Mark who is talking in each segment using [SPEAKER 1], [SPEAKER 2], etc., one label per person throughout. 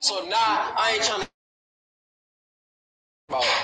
[SPEAKER 1] So now I ain't trying to about.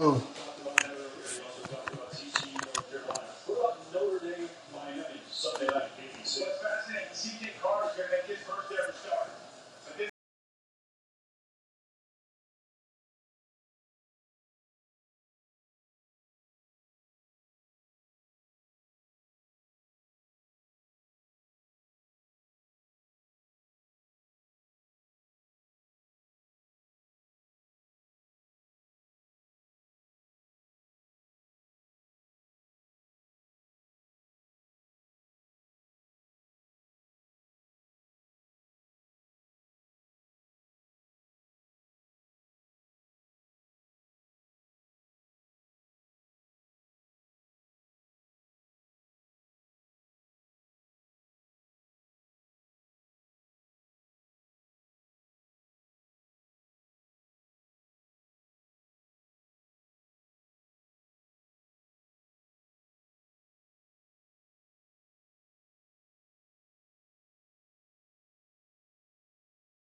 [SPEAKER 2] Oh, Sunday night, eighty-six. What's fascinating, C J Carr's going to make his first ever start. But this